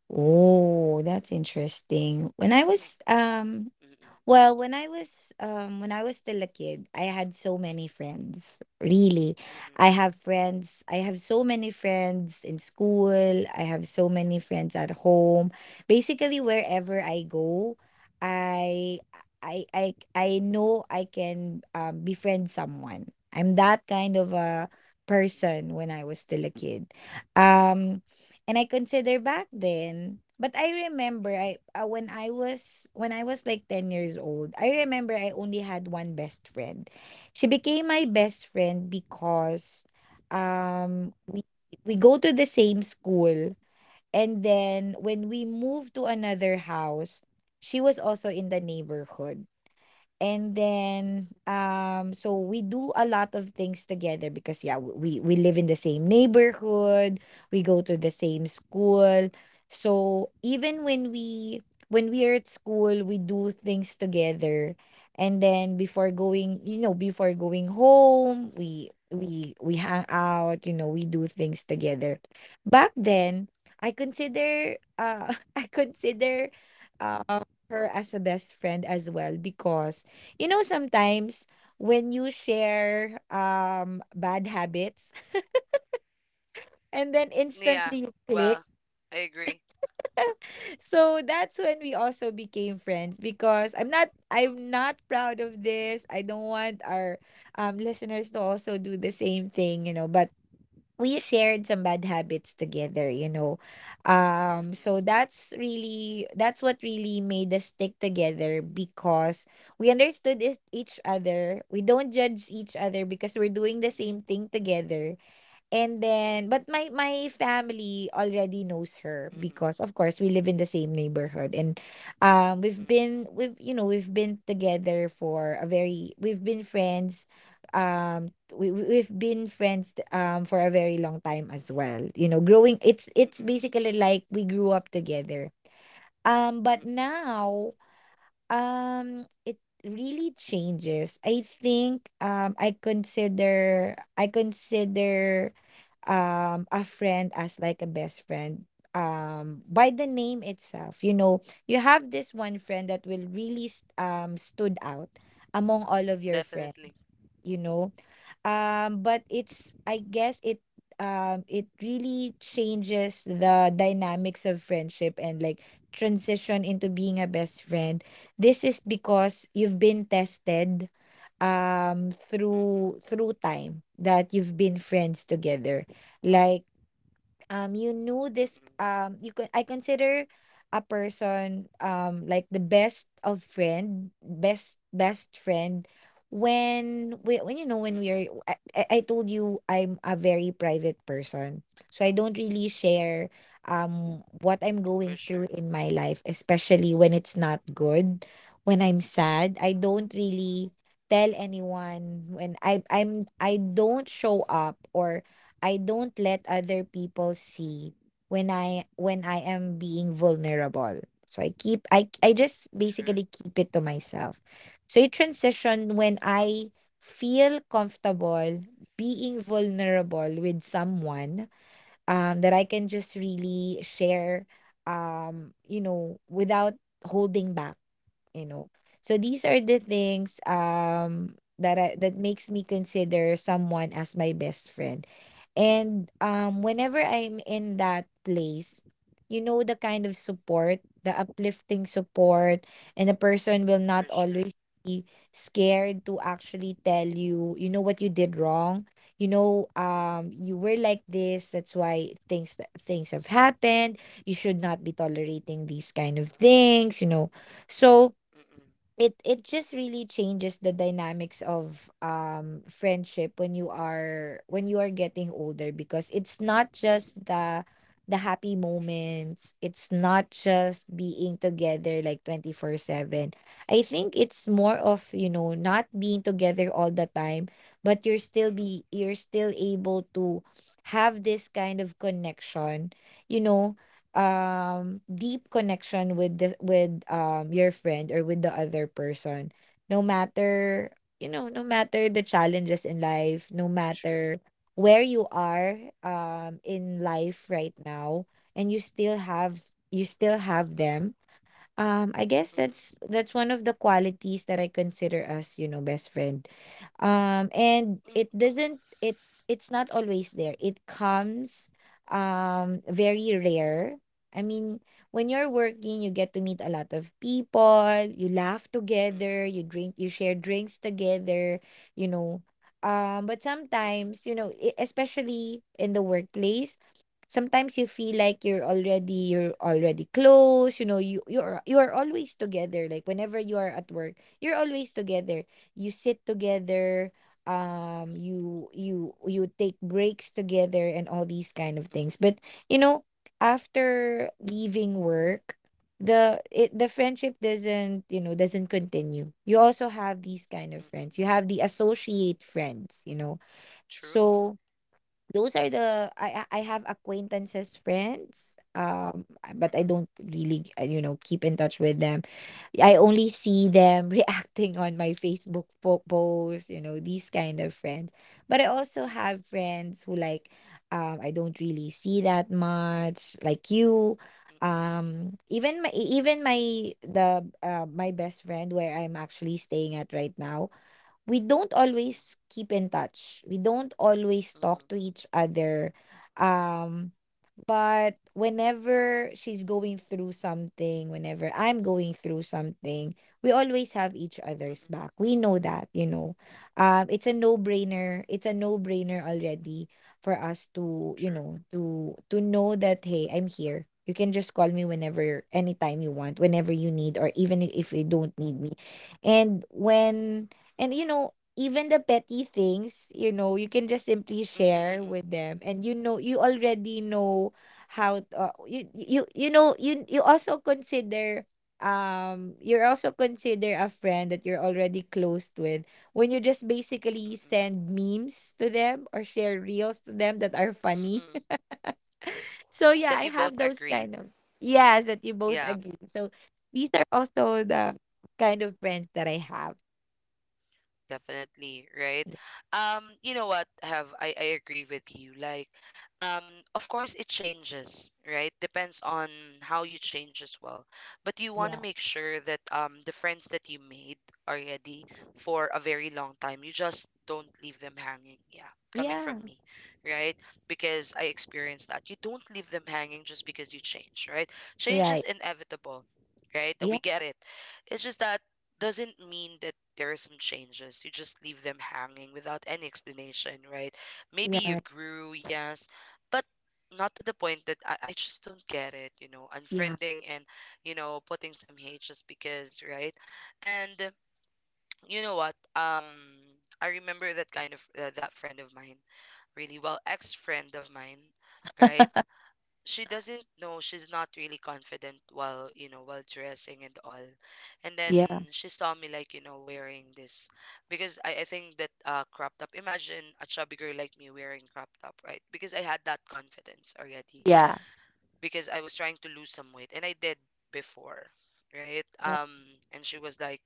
Oh, that's interesting. When I was
Mm-mm,
Well, when I was when I was still a kid, I had so many friends. Really.
mm-mm,
I have friends. I have so many friends in school. I have so many friends at home. Basically
mm-mm,
wherever I go, I
mm-mm,
I know I can befriend someone. I'm that kind of a
mm-mm,
person when I was still a kid. Um and I consider back then. But I remember
mm-mm, mm-mm,
I when I was like 10 years old, I remember I only had one best friend. She
mm-mm,
became
mm-mm.
my best friend because um we we go to the same school, and then when we moved to another house, she was also in the neighborhood. And then um, so we do a lot of things together because yeah, we live in the same neighborhood, we go to the same school.
Mm-mm.
So even when we are at school, we do things together. And then before
Mm-mm.
going, you know, before going home, we hang out, you know, we do things together. Back then, I consider
Mm-mm.
(laughs) I consider uh her as a best friend as well because you know, sometimes when you share
Mm-mm.
bad habits (laughs) and then
Yeah.
instantly you
Well,
click.
I agree.
So that's when we also became friends because I'm not proud of this. I don't want our listeners to also do the same thing, you know, but we shared some bad habits together, you know. So
Mm-mm.
that's really that's what really made us stick together because we understood each other. We don't judge each other because we're doing
Mm-mm.
the same thing together. And then but my family already knows her
Mm-mm.
because of course we live in the same neighborhood, and we've been
Mm-mm.
we've you know we've been together for a very we've been friends we've been friends for a very long time as well, you know, growing it's
Mm-mm.
basically like we grew up together but
Mm-mm.
now. It really changes. I think I consider a friend as like a best friend by the name itself, you know, you have this one friend that will really stood out among all of your
Definitely.
friends, you know. Um, but it's I guess it it really changes the dynamics of friendship and like transition into being a best friend this is because you've been tested
Mm-mm.
through time that you've been friends together like you knew this
Mm-mm.
you could I consider a person like the best of friend best best friend
Mm-mm.
when we when you know when we are I told you I'm a very private person, so I don't really share
For sure.
what I'm going through in my life especially when it's not good. When I'm sad I don't
Mm-mm.
really tell anyone when I don't show up, or I don't let other people see when I am being
Mm-mm.
vulnerable. So I just
True.
basically keep it to myself. So it transition when
Mm-mm.
I feel comfortable being vulnerable with someone that I can just really share you know without holding back, you know. So these are the
Mm-mm.
things that makes me consider someone as my best friend. And,
Mm-mm.
whenever I'm in that place, you know, the kind of support, the uplifting support, and a person will
For
not
sure.
always be scared to actually tell you, you know, what you did wrong. You know,
Mm-mm.
you were like this. That's why things have happened. You should not be tolerating these kind of things. You know, so
Mm-mm.
it just really changes the dynamics of friendship when you are getting older because it's not
Mm-mm.
just the happy moments, it's not just being together like 24/7. I think it's more of you know not being together all the time, but
Mm-mm.
you're still able to have this kind of connection, you know,
Mm-mm.
deep connection with the with your
Mm-mm.
friend or with the other person no matter you know no matter the challenges in life, no
True.
matter where you are in life right now, and you still have them. Um, I guess
Mm-mm.
that's one of the qualities that I consider as, you know, best friend. And
Mm.
it's not always there. It comes very rare. I mean, when you're working, you get to meet a lot of people, you laugh
Mm-mm.
together, you drink, you share drinks together, you know. But
Mm-mm.
sometimes, you know, especially in the workplace, sometimes you feel like you're already close, you know, you are always together, like whenever you are at work you're always together, you sit together, you take breaks together and all these kind of things,
Mm-mm.
but you know after leaving work the friendship doesn't you know doesn't continue. You also have these kind of
Mm-mm.
friends, you have the associate friends, you know.
True.
So those are the I have acquaintances, friends, but
Mm-mm.
I don't really you know, keep in touch with them. I only see them
Mm-mm.
(laughs) reacting on my Facebook posts, you know, these kind of friends. But I also
Mm-mm.
have friends who like I don't really see that much, like you.
Mm-mm.
Even my the my best friend where I'm actually staying at right now. We don't
Mm-mm.
always keep in touch. We don't always
Mm-mm.
talk to each other. Um, But whenever she's going through something, whenever I'm going through something, we always have each other's
Mm-mm.
back. We know that, you know. It's a no-brainer. It's a no-brainer already for us to,
True.
you know, to know that hey, I'm here. You can just call me whenever, anytime you want, whenever you need, or even if you don't need me. And when and you know, even the petty things, you know, you can just
Mm,
simply
mm, mm.
share with them. And you know, you already know how you also consider a friend that you're already close with when you just
Mm,
basically
mm.
send memes to them or share reels to them that are
Mm, mm.
funny. (laughs) So yeah,
That
I
you both
have those
agree.
kind of, yes, that you both
Yeah.
agree. So these are also the kind of friends that I have.
Definitely, right?
Y-
You know what, have, I agree with you. Like, um, of course it changes, right? Depends on how you change as well. But you want to
yeah,
make sure that the friends that you made already for a very long time, you just don't leave them hanging. Yeah, coming from
yeah,
me, right? Because I experienced that. You don't leave them hanging just because you change, right? Change is
right,
inevitable, right?
yeah,
We get it. It's just that doesn't mean that there are some changes. You just leave them hanging without any explanation, right? Maybe you
yeah,
grew, yes, but not to the point that I just don't get it, you know,
yeah,
unfriending and, you know, putting some hate just because, right? And you know what? I remember that kind of that friend of mine really well, ex friend of mine, right? She doesn't know, she's not really confident while, you know, while dressing and all. And then
yeah,
she saw me like, you know, wearing this, because I think that crop top. Imagine a chubby girl like me wearing crop top, right? Because I had that confidence already,
yeah,
because I was trying to lose some weight and I did before, right?
yeah,
And she was like,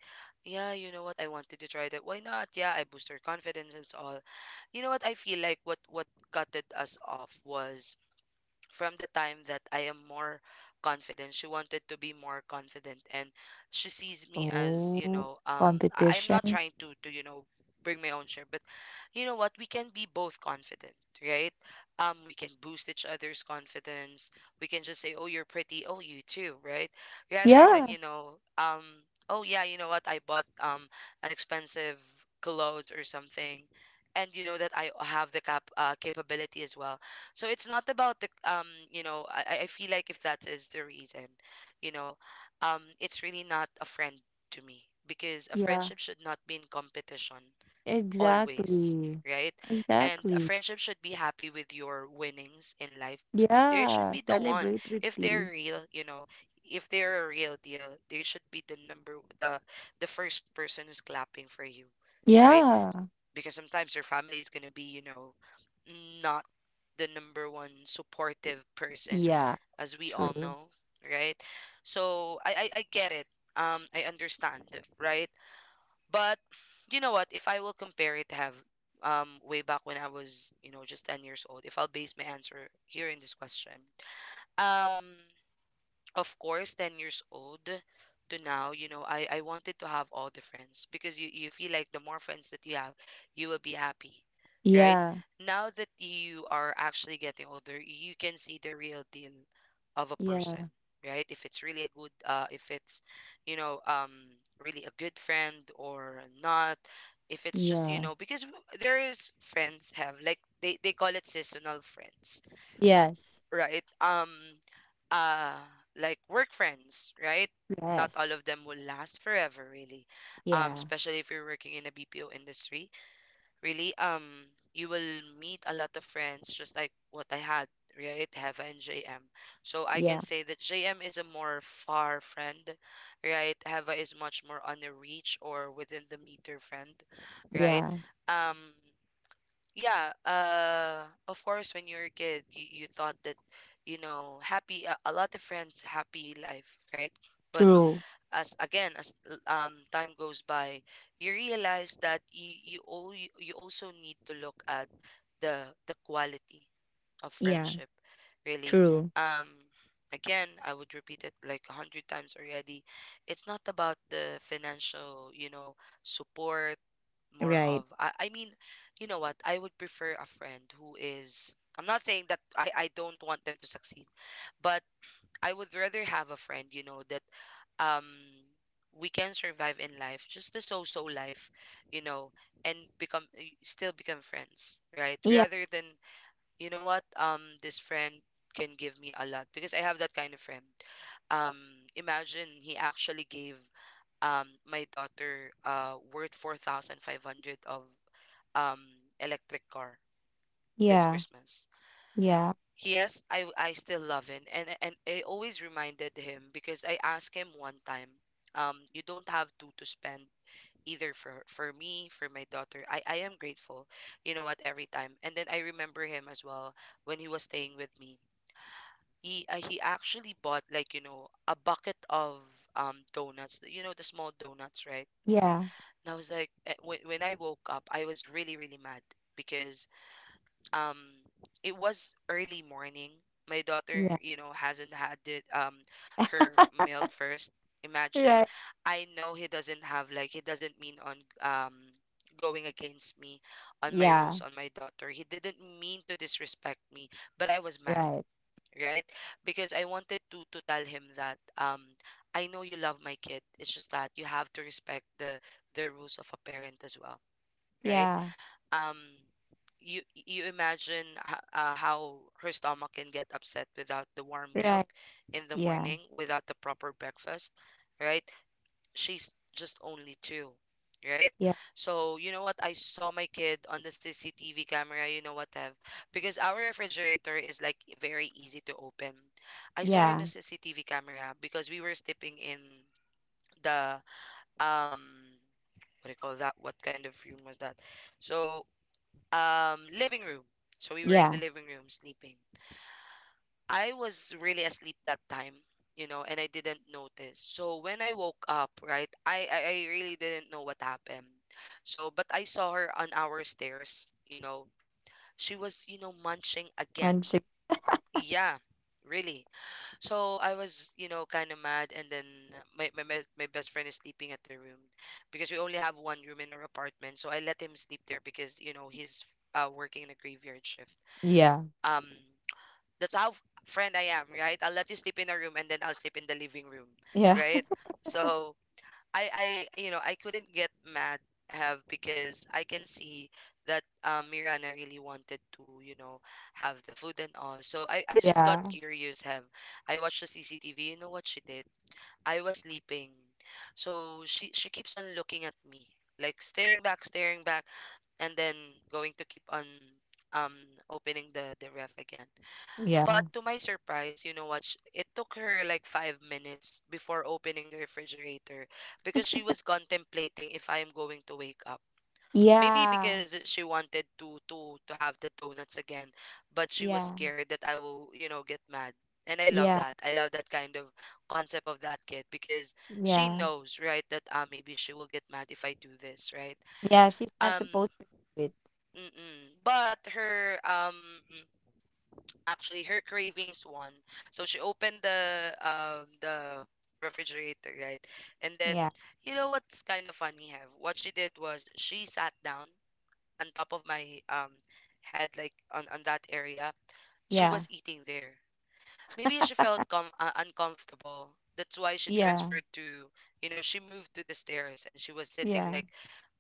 yeah, you know what, I wanted to try that, why not. Yeah, I boost her confidence and all. You know what, I feel like what gutted us off was from the time that I am more confident, she wanted to be more confident, and she sees me as, you
oh,
know, I am not
competition,
trying to you know, bring my own share, but you know what, we can be both confident, right? We can boost each other's confidence. We can just say, "Oh, you're pretty. Oh, you too," right? Rather than,
yeah.
you know, oh yeah, you know what, I bought an expensive clothes or something. And you know that I have the capability as well. So it's not about the you know, I feel like if that is the reason, you know, it's really not a friend to me because a
Yeah,
friendship should not be in competition always,
exactly.
right? And a
Exactly.
friendship should be happy with your winnings in life. There should
Yeah,
be the one.
celebrate with
If they're
you.
real, you know, if they're a real deal, they should be the number the first person who's clapping for you, right?
Yeah.
Because sometimes your family is going to be, you know, not the number 1 supportive person,
Yeah.
as we all
True.
know, right? So I get it. I understand, right? But you know what? If I will compare it, have way back when I was, you know, just 10 years old, if I'll base my answer here in this question, um, of course 10 years old to now, you know, I wanted to have all the friends because you feel like the more friends that you have, you will be happy. Right,
Yeah.
now that you are actually getting older, you can see the real deal of a person,
Yeah.
right? If it's really a good if it's, you know, really a good friend or not. If it's just, you
Yeah.
know, because there is friends have like they call it seasonal friends,
Yes.
right? Uh, like work friends, right? Not all
Yes.
of them will last forever, really.
Yeah.
Especially if you're working in the BPO industry, really. You will meet a lot of friends, just like what I had, right? Heva and JM. So I can
Yeah.
say that JM is a more far friend, right? Heva is much more on the reach or within the meter friend, right?
Yeah.
Um yeah, of course when you're a kid, you thought that, you know, happy a lot of friends, happy life, right? But
True.
as, again, as time goes by, you realize that you, all, you also need to look at the quality of
Yeah.
friendship, really.
True.
um Again, I would repeat it like 100 times already, it's not about the financial, you know, support. More of,
Right.
I mean, you know what? I would prefer a friend who is, I'm not saying that I don't want them to succeed, but I would rather have a friend, you know, that um we can survive in life, just the so-so life, you know, and become still become friends, right?
Yeah.
Rather than, you know what, this friend can give me a lot because I have that kind of friend. Um, imagine he actually gave my daughter worth 4,500 of um electric car this
Yeah.
Christmas. Yes, I still love him, and I always reminded him because I asked him one time, you don't have to spend either for me, for my daughter. I am grateful, you know what, every time. And then I remember him as well when he was staying with me. He actually bought like, you know, a bucket of donuts, you know, the small donuts, right?
Yeah.
And I was like, when I woke up, I was really really mad because um it was early morning, my daughter, you know, hasn't had it, her milk first,
Yeah. Yeah.
imagine.
Right.
I know he doesn't have, like, he doesn't mean on going against me on my
Yeah.
rules on my daughter. He didn't mean to disrespect me, but I was mad,
Right.
right? Because I wanted to tell him that, I know you love my kid, it's just that you have to respect the rules of a parent as well, right?
Yeah.
um you, you imagine, how her stomach can get upset without the warm milk
Right.
in the
Yeah.
morning, without the proper breakfast, right? She's just only two, right?
Yeah.
So, you know what, I saw my kid on the CCTV camera, you know what have, because our refrigerator is like very easy to open. I saw her in
Yeah.
the CCTV camera because we were sleeping in the, um what do you call that, what kind of room was that, so, living room. So we were in
Yeah.
the living room sleeping. I was really asleep that time, you know, and I didn't notice. So when I woke up, right, I really didn't know what happened. So but I saw her on our stairs, you know, she was, you know, munching again.
One, two.
Yeah, really. So I was, you know, kind of mad, and then my, my best friend is sleeping at the room, because we only have 1 room in our apartment, so I let him sleep there because, you know, he's working in a graveyard shift.
Yeah.
um that's how friend I am, right? I'll let you sleep in a room and then I'll sleep in the living room,
Yeah.
right?
(laughs)
So I I, you know, I couldn't get mad have, because I can see that Mirana really wanted to, you know, have the food and all. So I just got
Yeah.
curious have. I watched the CCTV, you know what she did? I was sleeping. So she keeps on looking at me, like staring back, staring back, and then going to keep on um opening the ref again. But
Yeah.
to my surprise, you know what? It took her like 5 minutes before opening the refrigerator because she was contemplating if I am going to wake up. Maybe
Yeah,
because she wanted to have the donuts again, but she was
yeah,
scared that I will, you know, get mad. And I love
yeah,
that. I love that kind of concept of that kid because she
yeah,
knows, right, that maybe she will get mad if I do this, right?
yeah. She's not
Um,
supposed to do it.
mm-mm. But her actually her cravings won. So she opened the refrigerator, right? And then
Yeah,
you know what's kind of funny, have, what she did was she sat down on top of my head, like on that area. She
yeah,
was eating there. Maybe she felt uncomfortable. That's why she
yeah,
transferred to, you know, she moved to the stairs and she was sitting
yeah,
like,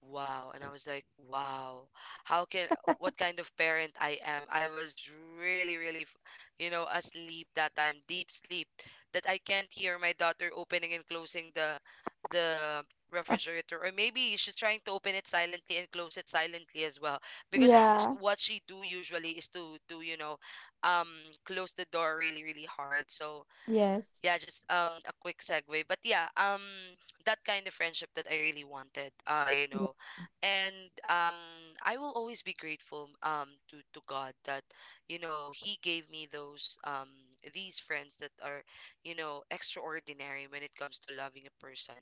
wow. And I was like, wow, how can, what kind of parent I am? I was really, really, you know, asleep that time, deep sleep, that I can't hear my daughter opening and closing the, refrigerator, or maybe she's trying to open it silently and close it silently as well, because
yeah.
what she do usually is to you know, um close the door really really hard. So
Yes.
yeah, just a quick segue. But yeah, that kind of friendship that I really wanted, you
Yeah,
know. And um I will always be grateful to God that, you know, he gave me those these friends that are, you know, extraordinary when it comes to loving a person,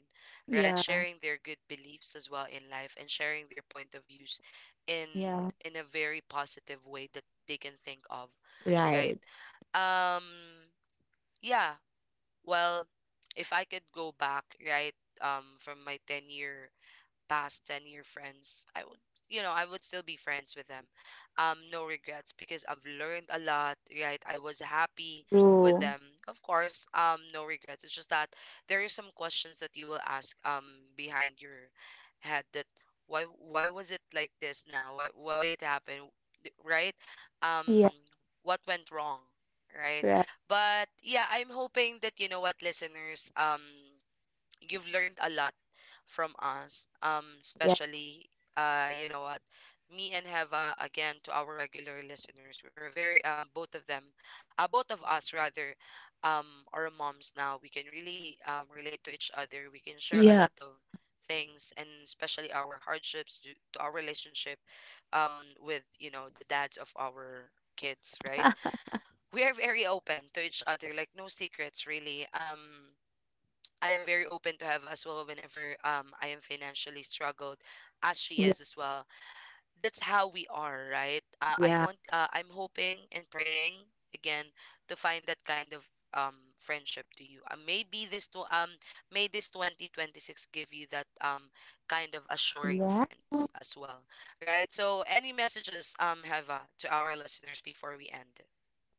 right?
yeah,
Sharing their good beliefs as well in life and sharing their point of views in
yeah.
a very positive way that they can think of, right?
Right.
um yeah well, if I could go back, right, from my 10-year past 10-year friends, I would, you know, I would still be friends with them. Um, no regrets, because I've learned a lot. Right, I was happy with
True.
them. Of course, no regrets, it's just that there is some questions that you will ask, behind your head, that why, was it like this now, why, it happened, right? um
Yeah.
what went wrong, right?
Right.
But yeah, I'm hoping that, you know what, listeners, you've learned a lot from us,
Yeah.
especially, you know what, me and Heva, again, to our regular listeners, we're very, both of them, both of us rather, um, are moms now. We can really, relate to each other. We can share a
Yeah.
lot of things, and especially our hardships to our relationship, um, with, you know, the dads of our kids, right? We are very open to each other, like no secrets really. I am very open to have as well whenever I am financially struggled, as she
Yeah.
is as well. That's how we are, right?
Yeah.
I'm hoping and praying again to find that kind of friendship to you. Maybe this to may this 2026 give you that kind of assuring
Yeah.
friends as well, right? So any messages, Heva, to our listeners before we end?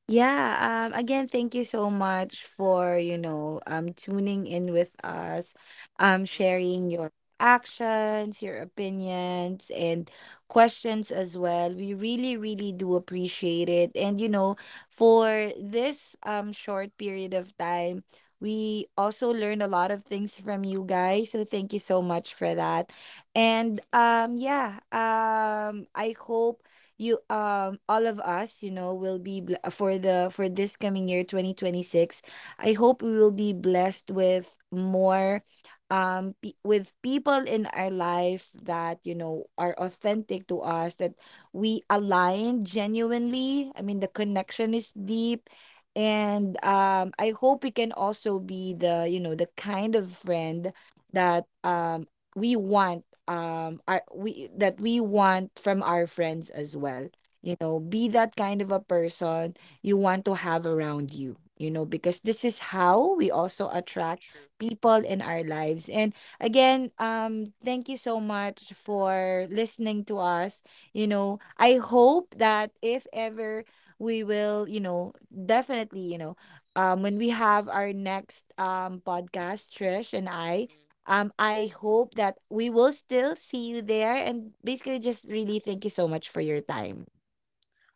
Yeah, again, thank you so much for, you know, tuning in with us,
Mm-mm,
sharing your actions, your opinions, and questions as well. We really, really do appreciate it. And, you know, for this short period of time, we also learned a lot of things from you guys. So thank you so much for that. And
mm-mm,
yeah, I hope you all of us you know will be for the for this coming year 2026. I hope we will be blessed with more with people in our life that you know are authentic to us, that we align genuinely, I mean the connection is deep. And
mm-mm,
I hope we can also be the you know the kind of friend that we want are we that we want from our friends as well, you know, be that kind of a person you want
mm-mm,
to have around you, you know, because this is how we also attract
true.
people in our lives. And again, um, thank you so much for listening to us, you know. I hope that if ever we will you know definitely you know when we have our next podcast, Trish and I,
Mm-mm.
I hope that we will still see you there. And basically, just really thank you so much for your time.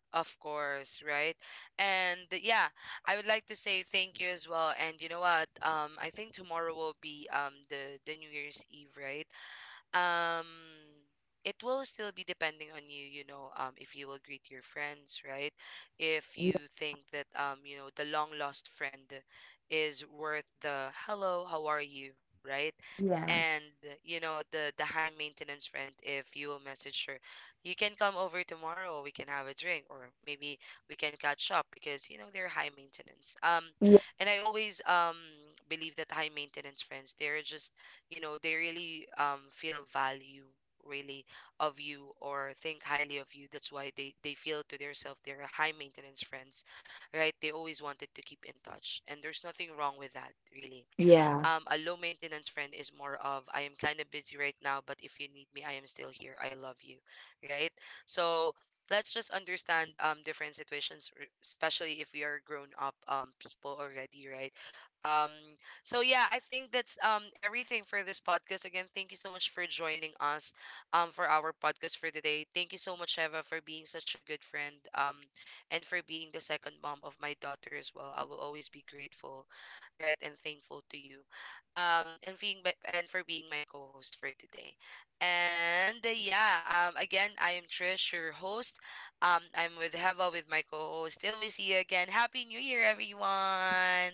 Of course, right? And yeah, I would like to say thank you as well. And you know what? I think tomorrow will be the New Year's Eve, right? Um, it will still be depending on you, you know, if you will greet your friends, right? If you think that, you know, the long lost friend is worth the hello, how are you, right?
Yeah.
And you know the high maintenance friend, if you will message her, you can come over tomorrow, we can have a drink, or maybe we can catch up because, you know, they're high maintenance.
Yeah.
And I always, believe that high maintenance friends, they're just, you know, they really, feel value, really, of you, or think highly of you, that's why they feel to themselves they're high maintenance friends, right? They always wanted to keep in touch, and there's nothing wrong with that, really.
Yeah.
Um, a low maintenance friend is more of, I am kind of busy right now, but if you need me, I am still here. I love you, right? So let's just understand different situations, especially if we are grown up people already, right? Um, so yeah, I think that's everything for this podcast. Again, thank you so much for joining us for our podcast for today. Thank you so much, Eva, for being such a good friend and for being the second mom of my daughter as well. I will always be grateful, right, and thankful to you and for being my co-host for today. And yeah, again, I am Trish, your host. Um, I'm with Heva with my co-host. Till we see you again. Happy New Year, everyone.